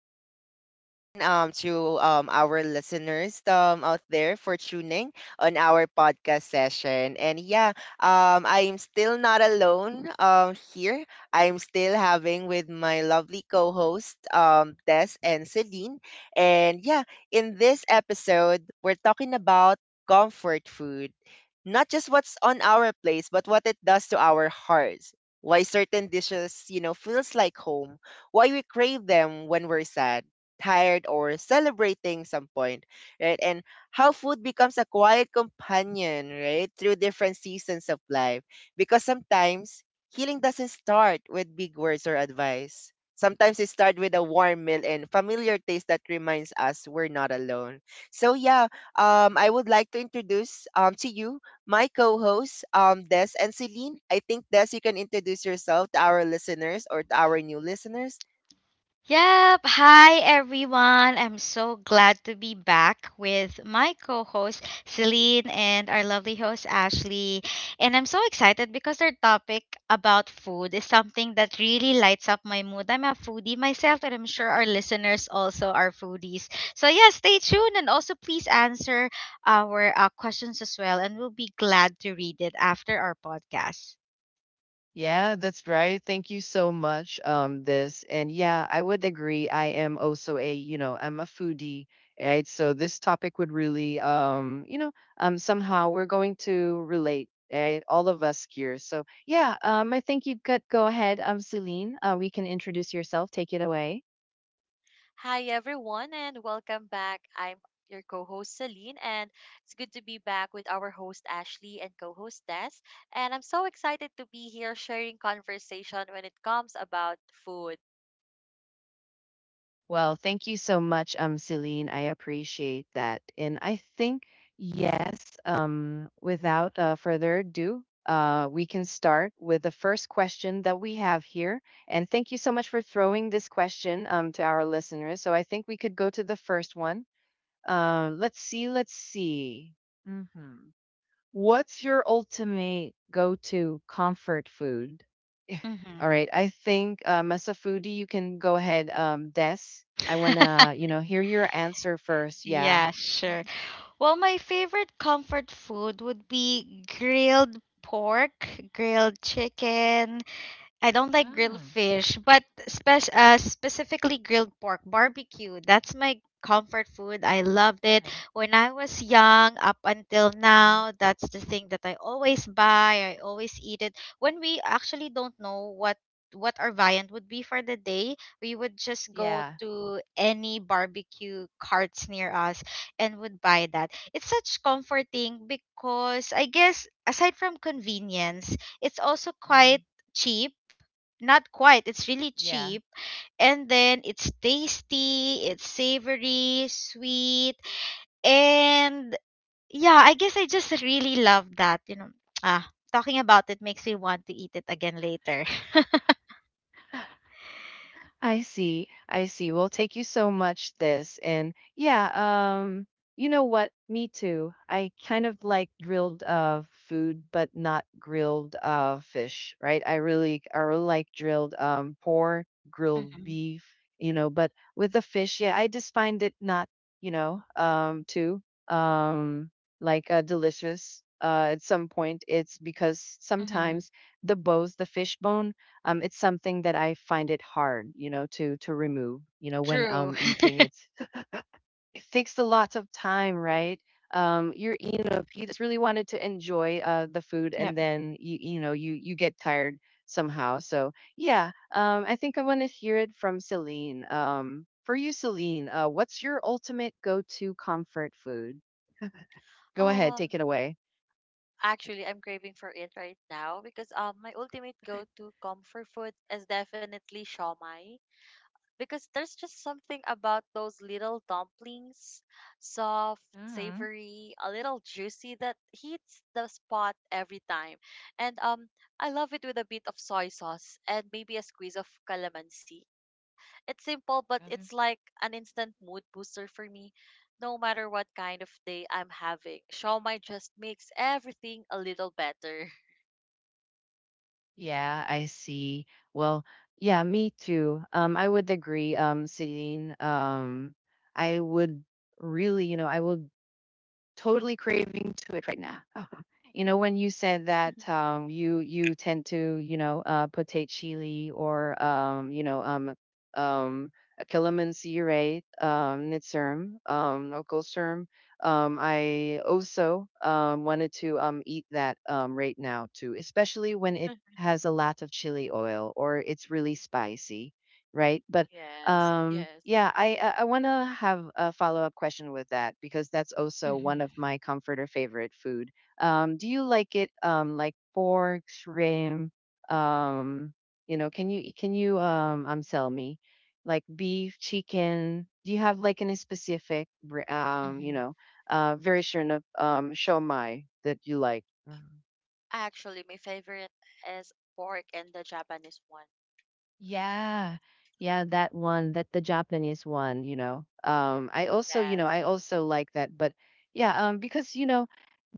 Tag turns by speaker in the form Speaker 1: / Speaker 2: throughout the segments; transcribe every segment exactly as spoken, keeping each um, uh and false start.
Speaker 1: much again um, to um, our listeners um, out there for tuning on our podcast session. And yeah, um, I'm still not alone um, here. I'm still having with my lovely co host, um, Des and Celine. And yeah, in this episode, we're talking about comfort food. Not just what's on our plates, but what it does to our hearts, why certain dishes, you know, feels like home, why we crave them when we're sad, tired, or celebrating some point, right? And how food becomes a quiet companion, right, through different seasons of life. Because sometimes healing doesn't start with big words or advice. Sometimes it starts with a warm meal and familiar taste that reminds us we're not alone. So yeah, um, I would like to introduce um to you my co-hosts, um, Des and Celine. I think Des, you can introduce yourself to our listeners or to our new listeners.
Speaker 2: Yep. Hi, everyone. I'm so glad to be back with my co host, Celine, and our lovely host, Ashley. And I'm so excited because our topic about food is something that really lights up my mood. I'm a foodie myself, and I'm sure our listeners also are foodies. So, yeah, stay tuned and also please answer our uh, questions as well. And we'll be glad to read it after our podcast.
Speaker 1: Yeah, that's right. Thank you so much, um, this. And yeah, I would agree. I am also a, you know, I'm a foodie, right? So this topic would really, um, you know, um, somehow we're going to relate, right? All of us here. So yeah, um, I think you could go ahead, um, Celine. Uh, we can introduce yourself. Take it away.
Speaker 3: Hi, everyone, and welcome back. I'm your co host, Celine, and it's good to be back with our host, Ashley, and co host, Des. And I'm so excited to be here sharing conversation when it comes about food.
Speaker 1: Well, thank you so much, um, Celine. I appreciate that. And I think, yes, um, without uh, further ado, uh, we can start with the first question that we have here. And thank you so much for throwing this question um, to our listeners. So I think we could go to the first one. Uh, let's see, let's see. hmm What's your ultimate go to comfort food?
Speaker 2: Mm-hmm.
Speaker 1: All right. I think um, as a foodie, you can go ahead, um, Des. I wanna, you know, hear your answer first. Yeah.
Speaker 2: Yeah, sure. Well, my favorite comfort food would be grilled pork, grilled chicken, I don't like grilled
Speaker 1: Ah,
Speaker 2: fish, but spe- uh, specifically grilled pork barbecue. That's my comfort food. I loved it
Speaker 1: okay.
Speaker 2: when I was young up until
Speaker 1: Mm,
Speaker 2: now. That's the thing that I always buy. I always eat it. When we actually don't know what what our viand would be for the day, we would just go
Speaker 1: yeah.
Speaker 2: to any barbecue carts near us and would buy that. It's such comforting because I guess aside from convenience, it's also
Speaker 1: Uh-huh.
Speaker 2: quite cheap not quite. It's really
Speaker 1: Yeah.
Speaker 2: cheap. And then it's tasty, it's savory, sweet. And yeah, I guess I just really love that. You know, ah, talking about it makes me want to eat it again later.
Speaker 1: I see. I see. Well, thank you so much this. And yeah, um you know what? Me too. I kind of like grilled uh food but not grilled uh fish, right? I really I really like grilled um pork, grilled
Speaker 2: hmm
Speaker 1: beef, you know, but with the fish, yeah, I just find it not, you know, um too um like uh delicious. Uh, at some point, it's because
Speaker 2: hmm
Speaker 1: sometimes the bones, the fish bone, um, it's something that I find it hard, you know, to to remove. You know, when
Speaker 2: True.
Speaker 1: I'm eating, it's it takes a lot of time, right? Um, you're, you know, if you just really wanted to enjoy uh, the food, and
Speaker 2: Yep.
Speaker 1: then you, you know, you you get tired somehow. So yeah, um, I think I want to hear it from Celine. Um, for you, Celine, uh, what's your ultimate go-to comfort food? Go ahead,
Speaker 3: Um,
Speaker 1: take it away.
Speaker 3: Actually, I'm craving for it right now because um, my ultimate go to comfort food is definitely shawmai, because there's just something about those little dumplings, soft, savory, a little juicy that hits the spot every time. And um I love it with a bit of soy sauce and maybe a squeeze of calamansi. It's simple, but it's like an instant mood booster for me. No matter what kind of day I'm having, shawmai just makes everything a little better.
Speaker 1: Yeah, I see. Well, yeah, me too. Um, I would agree, um, Celine. Um, I would really, you know, I would totally craving to it right now. Oh. You know, when you said that um, you you tend to, you know, uh, potate chili or um, you know, um, um, a calamansi, right? Um, nitsurm, um, okolsurm. Um, I also um, wanted to um, eat that um, right now too, especially when it has a lot of chili oil or it's really spicy, right? But
Speaker 3: Yes,
Speaker 1: um,
Speaker 3: yes.
Speaker 1: yeah, I I I wanna have a follow-up question with that because that's also one of
Speaker 2: hmm
Speaker 1: my comfort or favorite food. Um, do you like it um like pork, shrimp, um, you know, can you can you um um sell me like beef, chicken? Do you have like any specific br- um, you
Speaker 2: hmm
Speaker 1: know, uh version of um shomai that you like?
Speaker 3: Actually, my favorite is pork and the Japanese one.
Speaker 1: Yeah. Yeah, that one, that the Japanese one, you know. Um I also, you know,
Speaker 3: Yes.
Speaker 1: I also like that, but yeah, um because you know,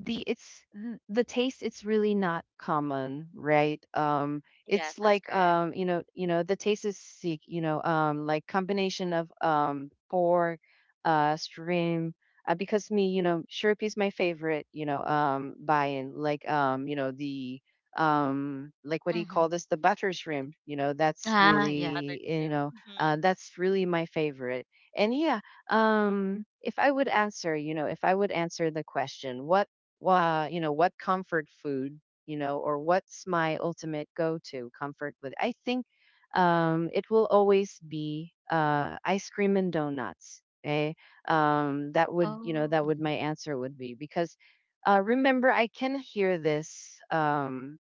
Speaker 1: the it's th- the taste it's really not common, right? Um it's
Speaker 3: Yes, that's
Speaker 1: like
Speaker 3: correct.
Speaker 1: um you know, you know, the taste is sick, you know, um like combination of um pork, uh shrimp, uh, because me, you know, shrimp is my favorite, you know, um buying like um, you know, the um like what do you call
Speaker 2: hmm
Speaker 1: this, the butter shrimp, you know, that's
Speaker 3: Yeah,
Speaker 2: Ah, yeah.
Speaker 3: buttered
Speaker 1: really
Speaker 3: cream.
Speaker 1: you know,
Speaker 3: Hmm.
Speaker 1: uh, that's really my favorite. And yeah, um if I would answer, you know, if I would answer the question, what uh, you know, what comfort food, you know, or what's my ultimate go-to comfort food, I think um it will always be uh ice cream and donuts. Okay, um that would, you know,
Speaker 2: Oh,
Speaker 1: that would, my answer would be, because uh remember I can hear this um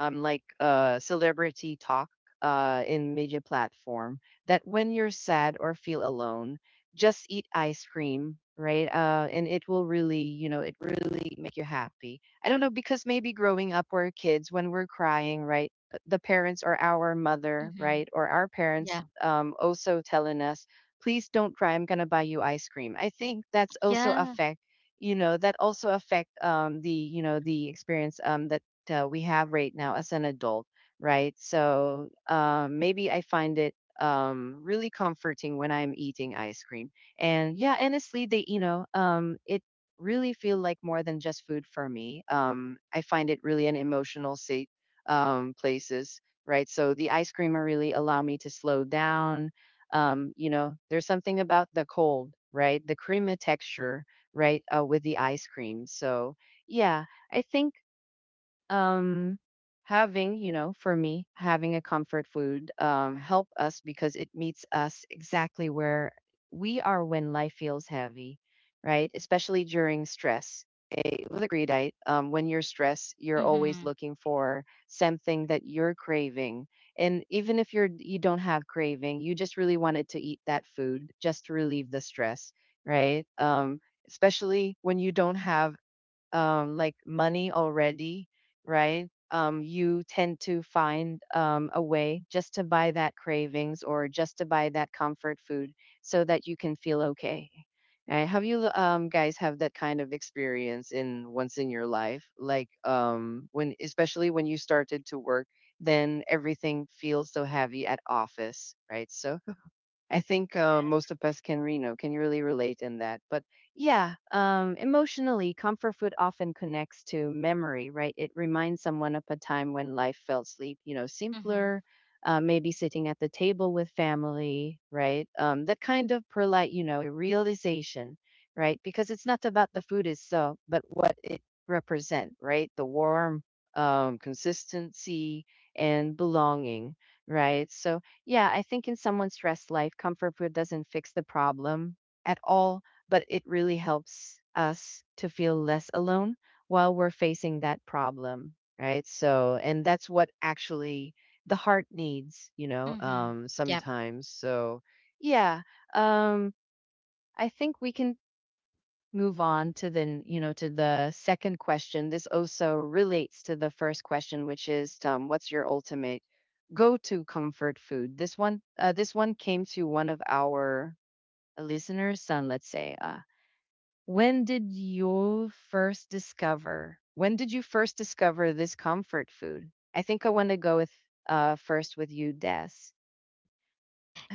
Speaker 1: um, like uh, celebrity talk uh, in media platform that when you're sad or feel alone, just eat ice cream, right? Uh, and it will really, you know, it really make you happy. I don't know because maybe growing up we're kids when we're crying, right? p- The parents or our mother,
Speaker 2: Mm-hmm.
Speaker 1: right, or our
Speaker 2: yeah.
Speaker 1: parents um, also telling us, please don't cry. I'm gonna buy you ice cream. I think that's also
Speaker 2: Yeah.
Speaker 1: affect, you know, that also affect um the, you know, the experience um that uh, we have right now as an adult, right? So um, maybe I find it um, really comforting when I'm eating ice cream. And yeah, honestly, they you know, um, it really feel like more than just food for me. Um, I find it really an emotional state um, places, right? So the ice cream are really allow me to slow down. Um, you know, there's something about the cold, right? The creamy texture, right, uh, with the ice cream. So yeah, I think um having, you know, for me, having a comfort food um help us because it meets us exactly where we are when life feels heavy, right, especially during stress. Okay, with a greed I, um, when you're stressed you're always
Speaker 2: Mm-hmm.
Speaker 1: looking for something that you're craving, and even if you're, you don't have craving, you just really wanted to eat that food just to relieve the stress, right? um especially when you don't have um, like money already, right? Um, you tend to find um, a way just to buy that cravings or just to buy that comfort food so that you can feel okay. Right? Have you um, guys have that kind of experience in once in your life? Like um, when, especially when you started to work, then everything feels so heavy at office, right? So I think uh,
Speaker 3: Yes.
Speaker 1: most of us can, you know, can really relate in that. But yeah, um, emotionally, comfort food often connects to memory, right? It reminds someone of a time when life felt sleep, you know,
Speaker 2: Mm-hmm.
Speaker 1: simpler. Uh, maybe sitting at the table with family, right? Um, that kind of perlite, you know, realization, right? Because it's not about the food itself, but what it represent, right? The warm um, consistency and belonging, right? So yeah, I think in someone's stress life, comfort food doesn't fix the problem at all, but it really helps us to feel less alone while we're facing that problem, right? So, and that's what actually the heart needs, you know,
Speaker 2: Mm-hmm.
Speaker 1: um
Speaker 2: Yeah.
Speaker 1: sometimes. So, yeah, um I think we can move on to the, you know, to the second question. This also relates to the first question, which is um, what's your ultimate go-to comfort food. This one uh, this one came to one of our listeners, and let's say uh, when did you first discover, when did you first discover this comfort food. I think I want to go with uh, first with you, Des.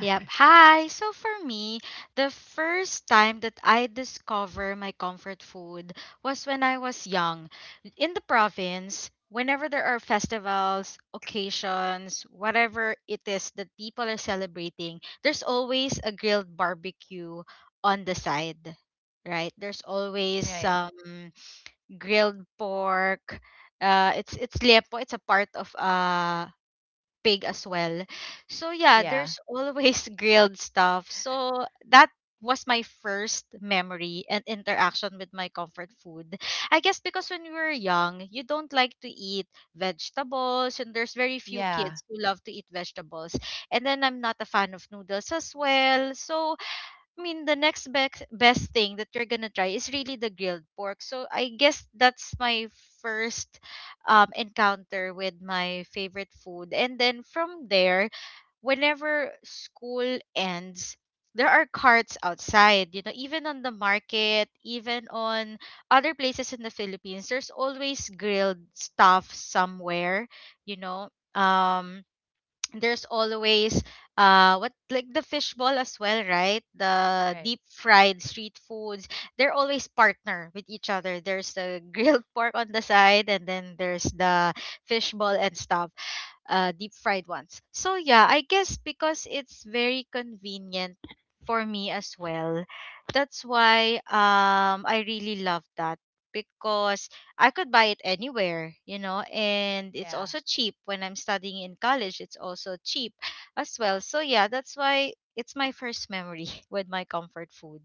Speaker 2: Yep. Hi. So for me, the first time that I discover my comfort food was when I was young. In the province, whenever there are festivals, occasions, whatever it is that people are celebrating, there's always a grilled barbecue on the side. Right? There's always
Speaker 1: Right.
Speaker 2: some grilled pork. Uh, it's it's liepo. It's a part of uh pig as well. So yeah,
Speaker 1: Yeah.
Speaker 2: there's always grilled stuff. So that was my first memory and interaction with my comfort food. I guess because when we were young, you don't like to eat vegetables and there's very few
Speaker 1: Yeah.
Speaker 2: kids who love to eat vegetables. And then I'm not a fan of noodles as well. So I mean, the next best best thing that you're gonna try is really the grilled pork. So I guess that's my first um, encounter with my favorite food, and then from there, whenever school ends, there are carts outside. You know, even on the market, even on other places in the Philippines, there's always grilled stuff somewhere. You know, um there's always uh what like the fishball as well, right? The
Speaker 1: Right.
Speaker 2: deep fried street foods, they're always partner with each other. There's the grilled pork on the side, and then there's the fishball and stuff, uh, deep fried ones. So yeah, I guess because it's very convenient for me as well. That's why um I really love that because I could buy it anywhere, you know, and it's
Speaker 1: Yeah.
Speaker 2: also cheap when I'm studying in college, it's also cheap as well. So yeah, that's why it's my first memory with my comfort food.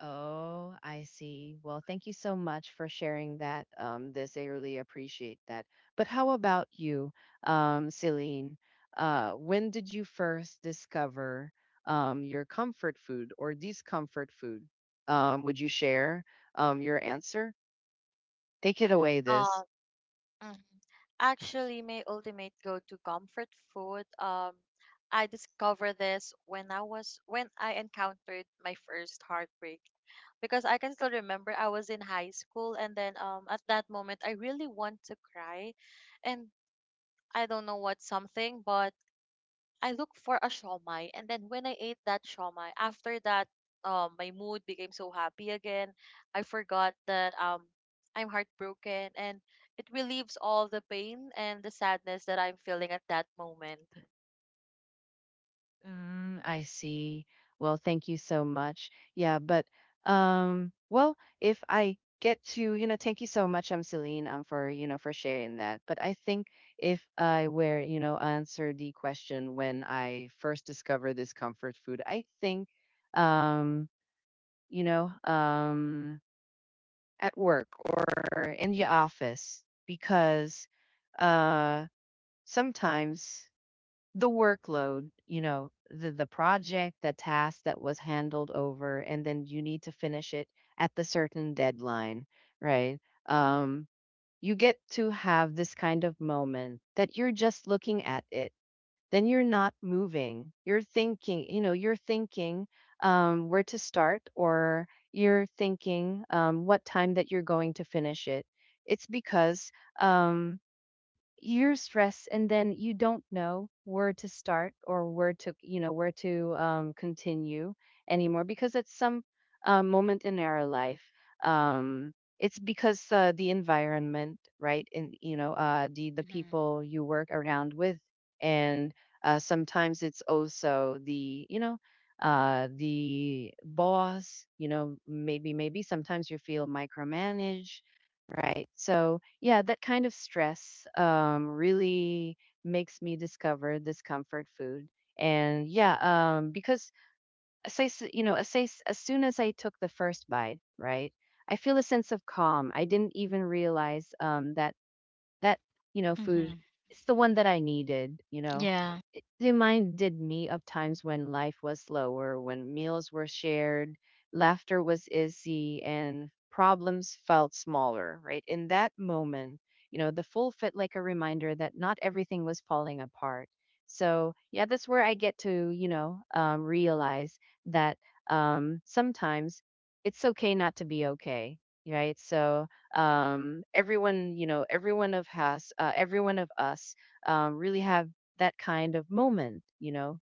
Speaker 1: Oh, I see. Well, thank you
Speaker 3: Nice.
Speaker 1: so much for sharing that, um, this. I really appreciate that. But how about you, um, Celine? Uh, when did you first discover um, your comfort food or discomfort food? Um, would you share um, your answer? Take it away, this.
Speaker 3: Um, mhm. Actually, my ultimate go-to comfort food. Um, I discovered this when I was when I encountered my first heartbreak, because I can still remember I was in high school, and then um at that moment I really want to cry, and I don't know what something, but I looked for a shawmai, and then when I ate that shawmai, after that, um, my mood became so happy again. I forgot that um, I'm heartbroken, and it relieves all the pain and the sadness that I'm feeling at that moment.
Speaker 1: Mm, I see. Well, thank you so much. Yeah, but um, well, if I get to, you know, thank you so much, um, Celine, um, for you know, for sharing that. But I think if I were, you know, answer the question when I first discovered this comfort food, I think, um, you know, um, at work or in the office because, uh, sometimes the workload, you know, the the project, the task that was handled over, and then you need to finish it at the certain deadline, right? Um, you get to have this kind of moment that you're just looking at it. Then you're not moving. You're thinking, you know, you're thinking um, where to start, or you're thinking um, what time that you're going to finish it. It's because um, you're stressed and then you don't know where to start or where to you know where to um, continue anymore because at some uh, moment in our life, um, it's because uh, the environment, right? And you know uh, the the
Speaker 2: Mhm.
Speaker 1: people you work around with, and uh, sometimes it's also the you know uh the boss, you know, maybe maybe sometimes you feel micromanaged. Right. So, yeah, that kind of stress um, really makes me discover this comfort food. And yeah, um, because as I, s- you know, as, I s as soon as I took the first bite, right, I feel a sense of calm. I didn't even realize um, that that, you know, food,
Speaker 2: Mm-hmm.
Speaker 1: it's the one that I needed, you know.
Speaker 2: Yeah.
Speaker 1: It reminded me of times when life was slower, when meals were shared, laughter was easy, and problems felt smaller, right? In that moment, you know, the full fit like a reminder that not everything was falling apart. So, yeah, that's where I get to, you know, um, realize that um, sometimes it's okay not to be okay, right? So, um, everyone you know everyone of us uh, everyone of us um, really have that kind of moment, you know,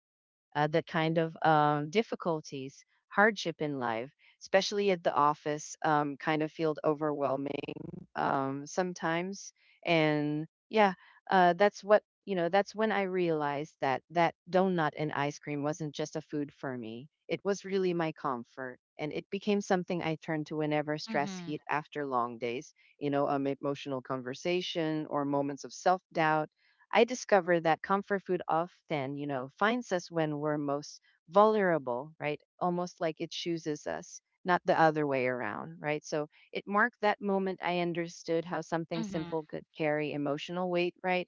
Speaker 1: uh, that kind of um, difficulties, hardship in life, especially at the office, um, kind of feel overwhelming um, sometimes. And yeah, uh, that's what you know. That's when I realized that that donut and ice cream wasn't just a food for me. It was really my comfort, and it became something I turned to whenever stress
Speaker 2: Mm-hmm.
Speaker 1: hit after long days. You know, um, emotional conversation or moments of self doubt, I discover that comfort food often, you know, finds us when we're most vulnerable, right? Almost like it chooses us, not the other way around, right? So it marked that moment I understood how something
Speaker 2: Mm-hmm.
Speaker 1: simple could carry emotional weight, right?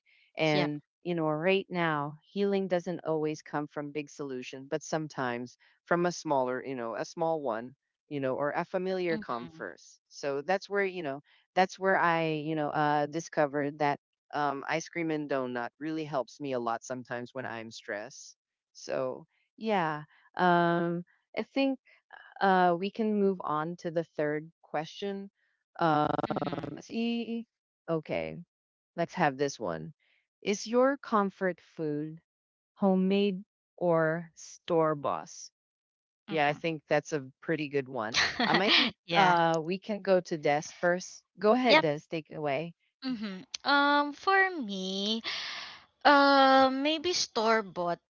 Speaker 2: Yep.
Speaker 1: And, you know, right now, healing doesn't always come from big solution, but sometimes from a smaller, you know, a small one, you know, or a familiar come
Speaker 2: Mm-hmm.
Speaker 1: first. So that's where, you know, that's where I, you know, uh, discovered that um, ice cream and donut really helps me a lot sometimes when I'm stressed. So yeah, um, I think uh, we can move on to the third question. Um,
Speaker 2: Mm-hmm.
Speaker 1: see, okay, let's have this one. Is your comfort food homemade or store bought? Yeah, I
Speaker 2: hmm
Speaker 1: think that's a pretty good one. Um, I think
Speaker 2: yeah.
Speaker 1: uh, we can go to Des first. Go ahead,
Speaker 2: Yep.
Speaker 1: Des, take it away.
Speaker 2: Mhm. Um, for me, uh, maybe store bought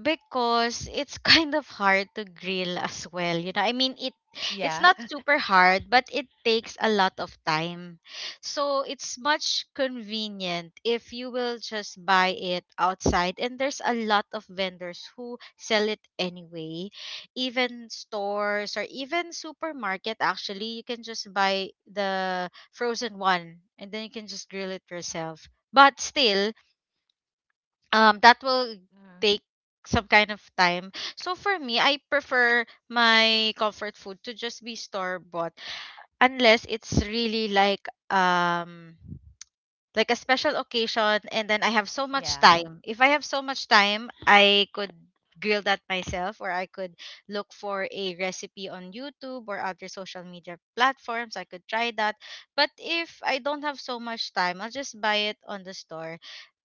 Speaker 2: because it's kind of hard to grill as well. You know, I mean, it it's
Speaker 1: Yeah.
Speaker 2: not super hard but it takes a lot of time, so it's much convenient if you will just buy it outside and there's a lot of vendors who sell it anyway. Even stores or even supermarket, actually you can just buy the frozen one and then you can just grill it yourself, but still um that will
Speaker 1: Mhm.
Speaker 2: take some kind of time. So for me, I prefer my comfort food to just be store bought unless it's really like um like a special occasion and then I have so much
Speaker 1: Yeah.
Speaker 2: time. If I have so much time, I could grill that myself or I could look for a recipe on YouTube or other social media platforms. I could try that. But if I don't have so much time, I'll just buy it on the store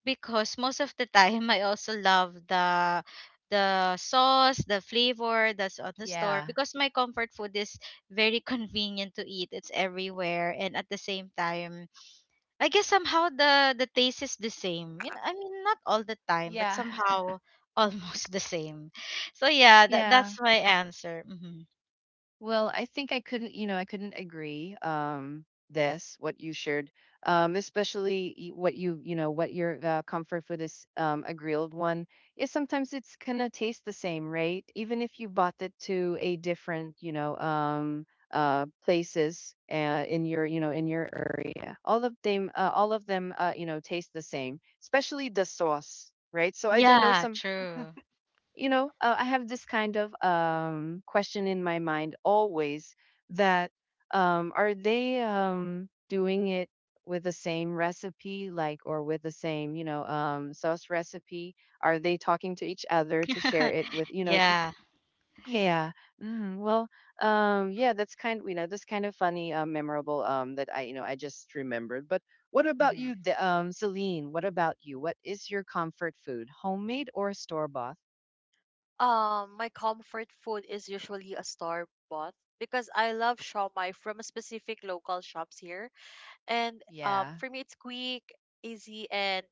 Speaker 2: because most of the time I also love the the sauce, the flavor that's on the store
Speaker 1: Yeah.
Speaker 2: because my comfort food is very convenient to eat. It's everywhere and at the same time I guess somehow the the taste is the same. You know, I mean not all the time, but
Speaker 1: Yeah.
Speaker 2: somehow almost the same. So yeah, that
Speaker 1: Yeah.
Speaker 2: that's my answer. hmm
Speaker 1: Well, I think I couldn't, you know, I couldn't agree um this what you shared. Um especially y- what you, you know, what your uh, comfort food is, um, a grilled one, is sometimes it's going to taste the same, right? Even if you bought it to a different, you know, um uh places uh, in your, you know, in your area. All of them uh, all of them uh, you know, taste the same, especially the sauce, right? So I don't know
Speaker 2: Yeah,
Speaker 1: some,
Speaker 2: true.
Speaker 1: you know, uh, I have this kind of um, question in my mind always that um, are they um, doing it with the same recipe, like, or with the same, you know, um, sauce recipe? Are they talking to each other to share it with, you know, th-
Speaker 2: yeah.
Speaker 1: yeah, mm, well, um, yeah, that's kind, you know, that's kind of funny, uh, memorable, um, that I, you know, I just remembered. But what about
Speaker 2: hmm
Speaker 1: you, the, um, Celine? What about you? What is your comfort food, homemade or store bought?
Speaker 3: Um, my comfort food is usually a store bought because I love shawmai from a specific local shops here. And um,
Speaker 1: Yeah.
Speaker 3: For me, it's quick, easy, and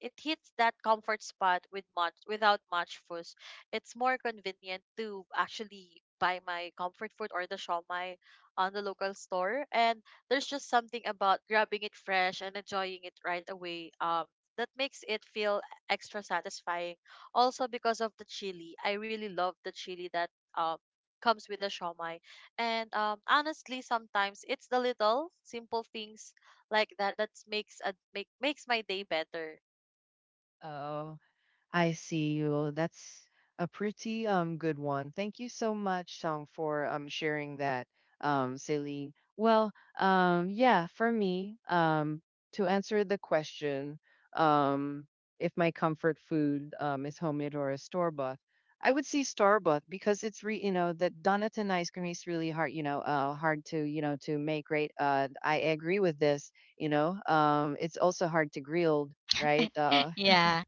Speaker 3: it hits that comfort spot with much without much fuss. It's more convenient to actually buy my comfort food or the shawmai on the local store. And there's just something about grabbing it fresh and enjoying it right away. Um, that makes it feel extra satisfying. Also, because of the chili, I really love the chili that um comes with the shawmai. And um, Honestly, sometimes it's the little simple things like that that makes a make makes my day better.
Speaker 1: Oh, I see you. That's a pretty um good one. Thank you so much, Song, for um sharing that, um, Celine. Well, um, yeah, for me, um, to answer the question, um, if my comfort food um is homemade or a store bought, I would say store bought because it's re you know that Donut ice cream is really hard, you know, uh hard to, you know, to make, right? Uh I agree with this, you know. Um it's also hard to grill, right? Uh,
Speaker 2: yeah.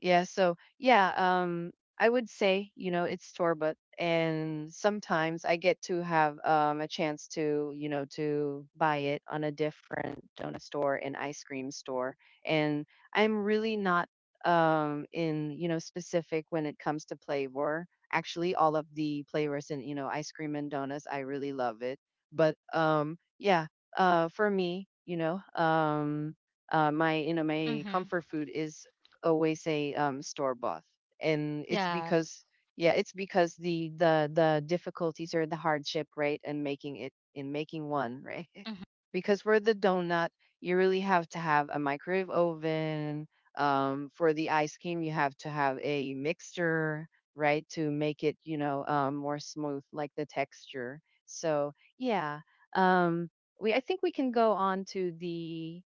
Speaker 1: yeah, so yeah, um I would say, you know, it's store bought, and sometimes I get to have um a chance to, you know, to buy it on a different donut store and ice cream store. And I'm really not um in, you know, specific when it comes to flavor. Actually, all of the flavors in, you know, ice cream and donuts, I really love it. But um yeah, uh for me, you know, um uh, my, you know, my
Speaker 2: hmm
Speaker 1: comfort food is always say, um, store bought, and it's
Speaker 2: Yeah.
Speaker 1: because yeah, it's because the the the difficulties or the hardship, right, and making it in making one, right,
Speaker 2: hmm
Speaker 1: because for the donut, you really have to have a microwave oven. Um, for the ice cream, you have to have a mixture, right, to make it, you know, um, more smooth, like the texture. So yeah, um, we, I think we can go on to the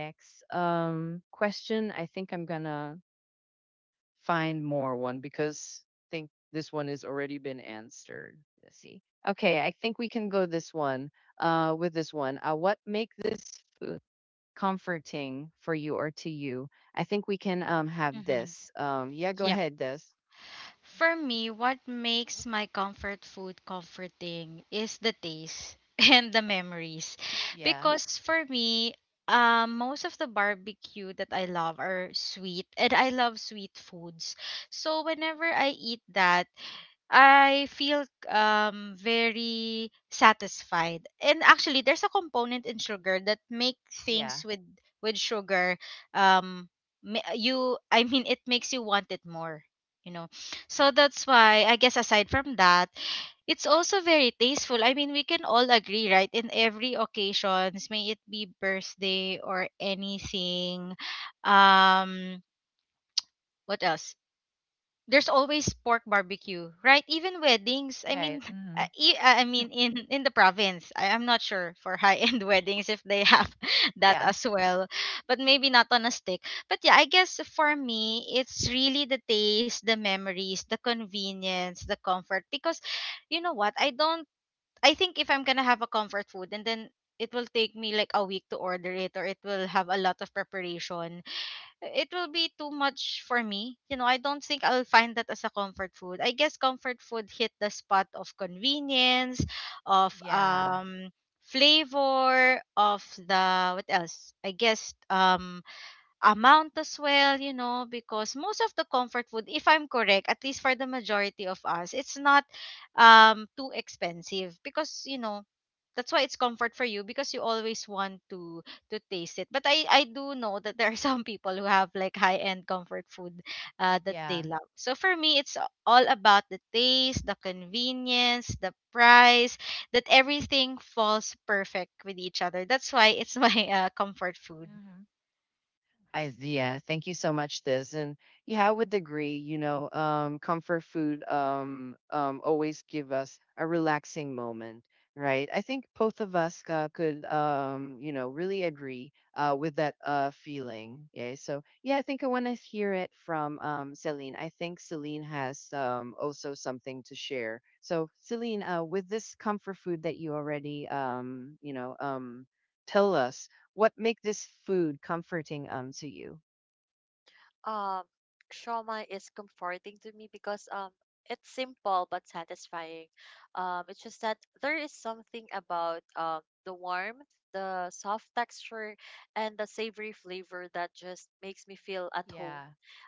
Speaker 1: next um question. I think I'm gonna find more one because I think this one has already been answered. Let's see. Okay, I think we can go this one. Uh with this one. Uh what make this food comforting for you or to you? I think we can um have
Speaker 2: hmm
Speaker 1: this. Um yeah, go ahead, this.
Speaker 2: For me, what makes my comfort food comforting is the taste and the memories.
Speaker 1: Yeah,
Speaker 2: Because for me, um, most of the barbecue that I love are sweet, and I love sweet foods. So whenever I eat that, I feel um very satisfied. And actually there's a component in sugar that make
Speaker 1: yeah.
Speaker 2: things with with sugar um ma- you I mean it makes you want it more, you know. So that's why I guess aside from that, it's also very tasteful. I mean, we can all agree, right? In every occasions, may it be birthday or anything. Um what else? There's always pork barbecue, right? Even weddings. I
Speaker 1: Right.
Speaker 2: mean, uh,
Speaker 1: Hmm.
Speaker 2: e- uh, I mean in in the province. I, I'm not sure for high end weddings if they have that
Speaker 1: Yeah.
Speaker 2: as well, but maybe not on a stick. But yeah, I guess for me, it's really the taste, the memories, the convenience, the comfort. Because you know what? I don't. I think if I'm gonna have a comfort food, and then it will take me like a week to order it, or it will have a lot of preparation, it will be too much for me. You know, I don't think I'll find that as a comfort food. I guess comfort food hit the spot of convenience, of
Speaker 1: Yeah.
Speaker 2: um flavor, of the what else? I guess um amount as well, you know, because most of the comfort food, if I'm correct, at least for the majority of us, it's not um too expensive because, you know, that's why it's comfort for you because you always want to to taste it. But i i do know that there are some people who have like high end comfort food, uh, that they
Speaker 1: Yeah.
Speaker 2: love. So for me, it's a- all about the taste, the convenience, the price, that everything falls perfect with each other. That's why it's my uh, comfort food.
Speaker 1: Hmm. I, yeah, thank you so much, this. And yeah, I would agree, you know, um, comfort food um, um, always give us a relaxing moment, right? I think both of us uh, could, um, you know, really agree uh, with that uh, feeling. Yeah. So yeah, I think I want to hear it from um, Celine. I think Celine has um, also something to share. So Celine, uh, with this comfort food that you already, um, you know, um, tell us what make this food comforting um to you?
Speaker 3: Um, Shawarma is comforting to me because um it's simple but satisfying. Um, it's just that there is something about um the warmth, the soft texture, and the savory flavor that just makes me feel at home,
Speaker 1: Yeah.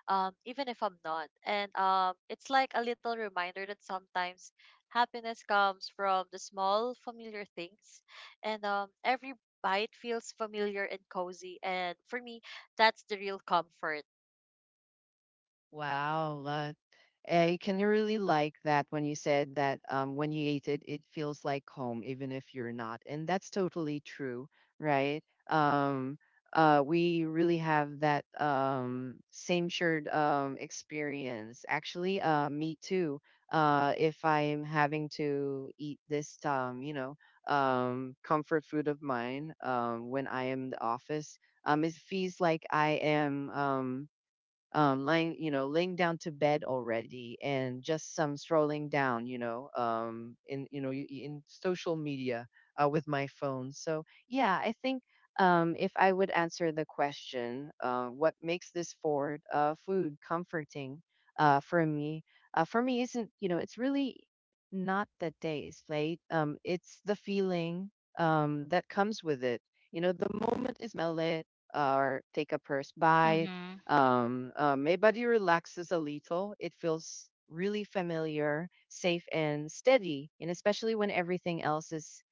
Speaker 3: Um, even if I'm not. And um, It's like a little reminder that sometimes happiness comes from the small familiar things, and um every bite feels familiar and cozy. And for me, that's the real comfort.
Speaker 1: Wow, that I can really like that when you said that um, when you eat it, it feels like home, even if you're not. And that's totally true, right? Um, uh, we really have that um, same shared um, experience. Actually, uh, me too. Uh, if I'm having to eat this, um, you know, um, comfort food of mine um, when I am in the office, um, it feels like I am. Um, um lying, you know, laying down to bed already and just some strolling down, you know, um in, you know, y- y- in social media uh, with my phone. So yeah, I think um if I would answer the question, uh what makes this forward uh food comforting uh for me, uh for me isn't, you know, it's really not the taste, right? um it's the feeling um that comes with it, you know, the moment is smell it or take a first bite,
Speaker 2: Mm-hmm.
Speaker 1: um, uh, my body relaxes a little. It feels really familiar, safe, and steady. And especially when everything else is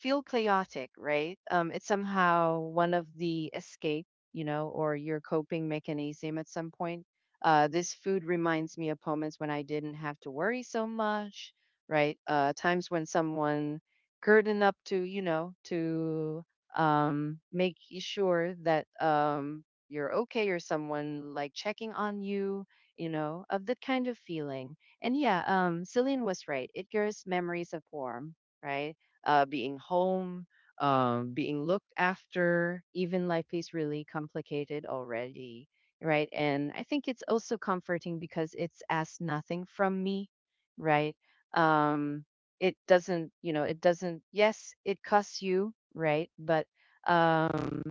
Speaker 1: feel chaotic, right? Um, it's somehow one of the escape, you know, or your coping mechanism at some point. Uh, this food reminds me of moments when I didn't have to worry so much, right? Uh, times when someone curtained up to, you know, to um, make sure that um, you're okay, or someone like checking on you, you know, of that kind of feeling. And yeah, um, Celine was right. It gives memories of warm, right? Uh, being home, um, being looked after, even life is really complicated already, right? And I think it's also comforting because it's asked nothing from me, right? Um, it doesn't, you know, it doesn't, yes, it costs you, right? But um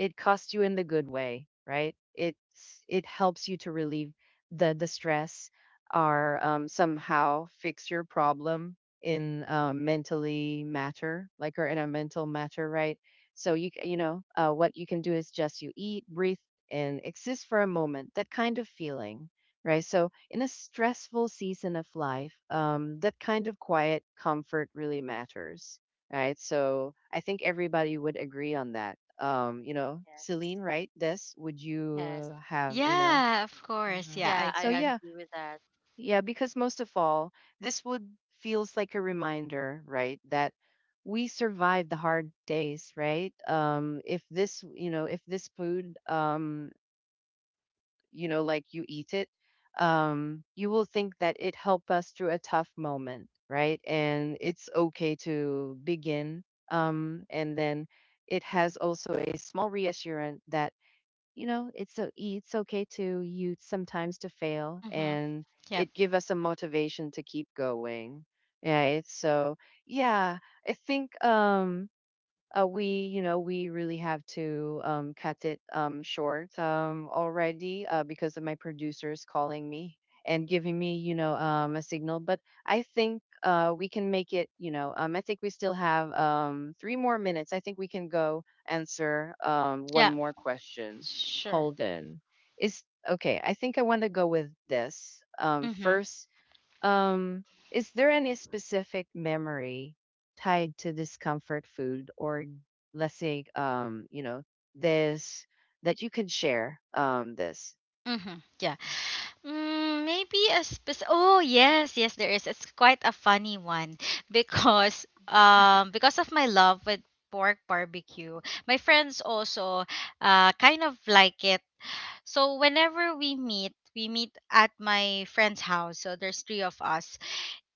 Speaker 1: it costs you in the good way, right? It's, it helps you to relieve the the stress or um, somehow fix your problem in, um, mentally matter, like, or in a mental matter, right? So you c- you know, uh, what you can do is just you eat, breathe, and exist for a moment, that kind of feeling, right? So in a stressful season of life, um, that kind of quiet comfort really matters, right? So I think everybody would agree on that. Um, you know, Celine,
Speaker 3: Yes.
Speaker 1: right? This would
Speaker 3: Yes.
Speaker 1: you have, you know?
Speaker 2: Yeah, of course,
Speaker 1: Hmm.
Speaker 2: yeah, I
Speaker 3: Yeah, I
Speaker 1: So
Speaker 2: agree.
Speaker 1: yeah,
Speaker 3: agree with that.
Speaker 1: yeah, because most of all, this would feels like a reminder, right, that we survived the hard days, right? Um, if this, you know, if this food um you know, like you eat it, um, you will think that it helped us through a tough moment, right? And it's okay to begin. Um, and then it has also a small reassurance that, you know, it's so it's okay to you sometimes to fail,
Speaker 2: Mm-hmm.
Speaker 1: and
Speaker 2: Yep.
Speaker 1: it give us a motivation to keep going. Right. So yeah, I think um uh, we, you know, we really have to um, cut it um, short um, already uh, because of my producers calling me and giving me, you know, um, a signal. But I think uh, we can make it, you know, um, I think we still have um, three more minutes. I think we can go answer um, one
Speaker 2: Yeah,
Speaker 1: more question.
Speaker 2: sure.
Speaker 1: Hold on. Is Okay, I think I want to go with this. Um,
Speaker 2: Mm-hmm.
Speaker 1: first, um, is there any specific memory tied to this comfort food, or let's say um, you know, this that you can share um this?
Speaker 2: Mm-hmm. Yeah. Mm, maybe a spec- oh, yes, yes, there is. It's quite a funny one. Because um because of my love with pork barbecue, my friends also uh kind of like it. So whenever we meet, we meet at my friend's house. So there's three of us,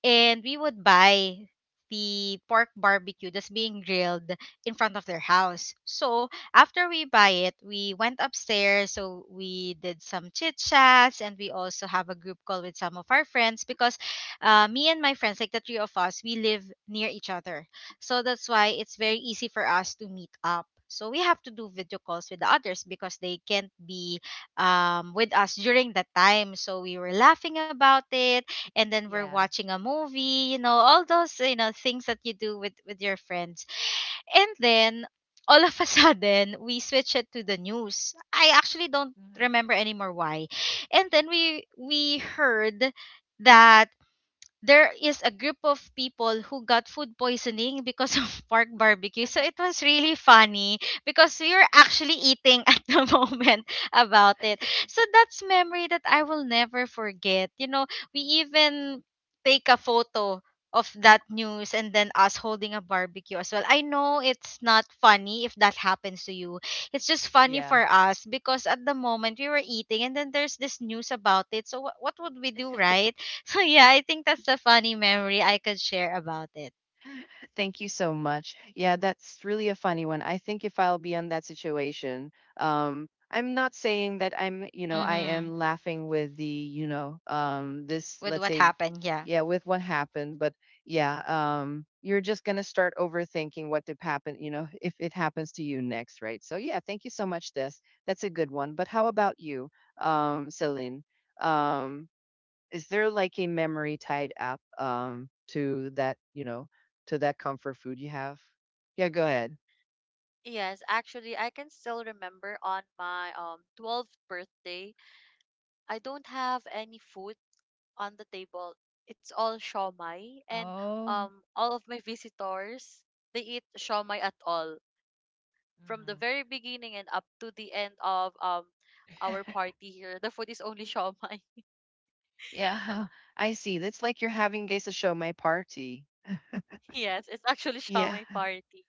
Speaker 2: and we would buy the pork barbecue that's being grilled in front of their house. So after we buy it, we went upstairs. So we did some chit chats, and we also have a group call with some of our friends because uh, me and my friends, like the three of us, we live near each other. So that's why it's very easy for us to meet up. So we have to do video calls with the others because they can't be um, with us during that time. So we were laughing about it, and then we're
Speaker 1: Yeah.
Speaker 2: watching a movie, you know, all those, you know, things that you do with with your friends. And then all of a sudden, we switch it to the news. I actually don't
Speaker 1: Mhm.
Speaker 2: remember anymore why. And then we we heard that there is a group of people who got food poisoning because of pork barbecue. So it was really funny because we were actually eating at the moment about it. So that's memory that I will never forget. You know, we even take a photo of that news and then us holding a barbecue as well. I know it's not funny if that happens to you. It's just funny
Speaker 1: Yeah.
Speaker 2: for us because at the moment we were eating and then there's this news about it. So wh- what would we do, right? Yeah, I think that's a funny memory I could share about it.
Speaker 1: Thank you so much. Yeah, that's really a funny one. I think if I'll be in that situation, um, I'm not saying that I'm, you know, I
Speaker 2: Mm-hmm.
Speaker 1: am laughing with the, you know, um, this,
Speaker 2: With
Speaker 1: let's
Speaker 2: what
Speaker 1: say,
Speaker 2: happened, yeah.
Speaker 1: yeah, with what happened, but yeah, um, you're just gonna start overthinking what did happen, you know, if it happens to you next, right? So yeah, thank you so much, this. That's a good one. But how about you, um, Celine? Um, is there like a memory tied up um to that, you know, to that comfort food you have? Yeah, go ahead.
Speaker 3: Yes, actually, I can still remember, on my um twelfth birthday, I don't have any food on the table. It's all shawmai, and
Speaker 1: Oh,
Speaker 3: um all of my visitors, they eat shawmai at all from the
Speaker 1: mhm.
Speaker 3: very beginning and up to the end of um our party here. The food is only shawmai.
Speaker 1: Yeah, I see. That's like you're having guys a show my party.
Speaker 3: Yes, it's actually
Speaker 1: Yeah,
Speaker 3: shawmai party.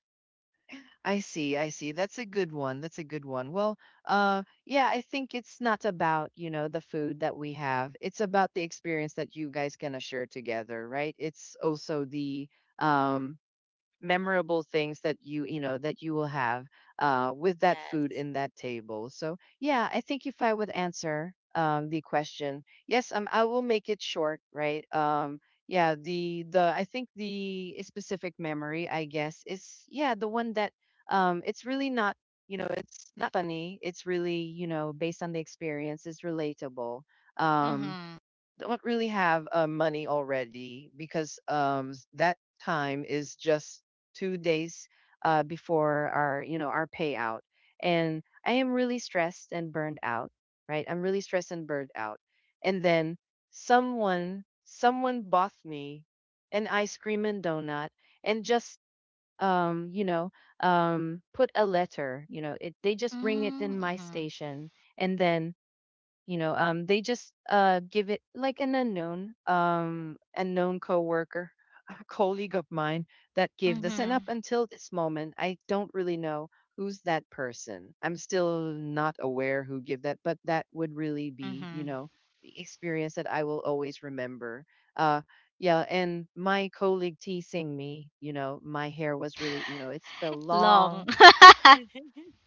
Speaker 1: I see. I see. That's a good one. That's a good one. Well, uh, yeah, I think it's not about, you know, the food that we have. It's about the experience that you guys gonna share together, right? It's also the um memorable things that you you know that you will have uh, with that food
Speaker 3: Yes.
Speaker 1: in that table. So yeah, I think if I would answer um, the question, yes, um, I will make it short, right? Um, yeah, the the I think the specific memory, I guess, is yeah, the one that um, it's really not, you know, it's not funny, it's really, you know, based on the experience, is relatable. um,
Speaker 2: Mm-hmm.
Speaker 1: don't really have uh, money already because um, s- that time is just two days uh, before our, you know, our payout. And I am really stressed and burned out. Right, I'm really stressed and burned out. And then someone someone bought me an ice cream and donut. And just um you know, um put a letter, you know it, they just bring it in my
Speaker 2: Mm-hmm.
Speaker 1: station. And then you know um they just uh give it like an unknown um unknown coworker, colleague of mine, that gave this. And up
Speaker 2: Mm-hmm.
Speaker 1: until this moment, I don't really know who's that person. I'm still not aware who gave that. But that would really be, you
Speaker 2: Mm-hmm.
Speaker 1: know, the experience that I will always remember. uh yeah. And my colleague teasing me, you know, my hair was really, you know, it's so
Speaker 2: Long.
Speaker 1: long,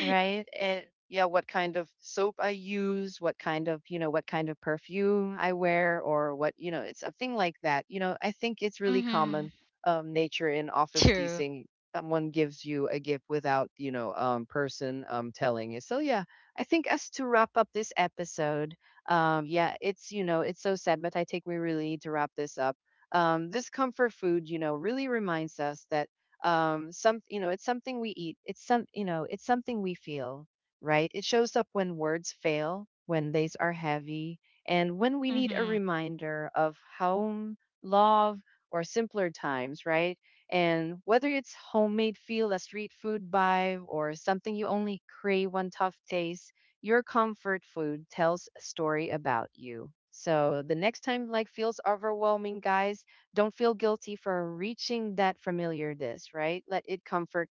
Speaker 1: right? And yeah, what kind of soap I use, what kind of, you know, what kind of perfume I wear, or what, you know, it's something like that. You know, I think it's really
Speaker 2: mm-hmm.
Speaker 1: common um, nature in office
Speaker 2: True.
Speaker 1: teasing. Someone gives you a gift without, you know, um, person um, telling you. So yeah, I think as to wrap up this episode, um, yeah, it's, you know, it's so sad, but I think we really need to wrap this up. Um, this comfort food, you know, really reminds us that um some, you know, it's something we eat, it's some, you know, it's something we feel. Right, it shows up when words fail, when they are heavy, and when we need a
Speaker 2: Mm-hmm.
Speaker 1: reminder of home, love, or simpler times, right? And whether it's homemade feel, a street food vibe, or something you only crave one tough taste, your comfort food tells a story about you. So the next time like feels overwhelming, guys, don't feel guilty for reaching that familiar dish, right? Let it comfort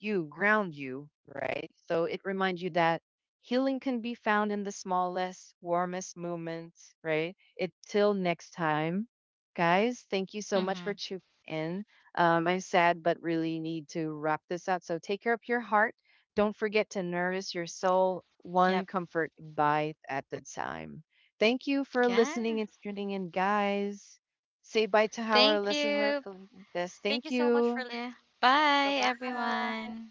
Speaker 1: you, ground you, right? So it reminds you that healing can be found in the smallest, warmest moments, right? It till next time, guys. Thank you so much
Speaker 2: Mm-hmm.
Speaker 1: for tuning in. Um, I'm sad, but really need to wrap this up. So take care of your heart. Don't forget to nourish your soul
Speaker 2: Yep.
Speaker 1: one comfort bite at the time. Thank you for
Speaker 2: Yeah.
Speaker 1: listening and tuning in, guys. Say bye to our
Speaker 2: Thank
Speaker 3: Thank
Speaker 1: listener.
Speaker 2: you.
Speaker 1: This.
Speaker 3: Thank you
Speaker 1: Thank
Speaker 3: so much for
Speaker 1: you.
Speaker 2: Yeah.
Speaker 3: listening.
Speaker 2: Bye,
Speaker 3: Bye-bye.
Speaker 2: everyone.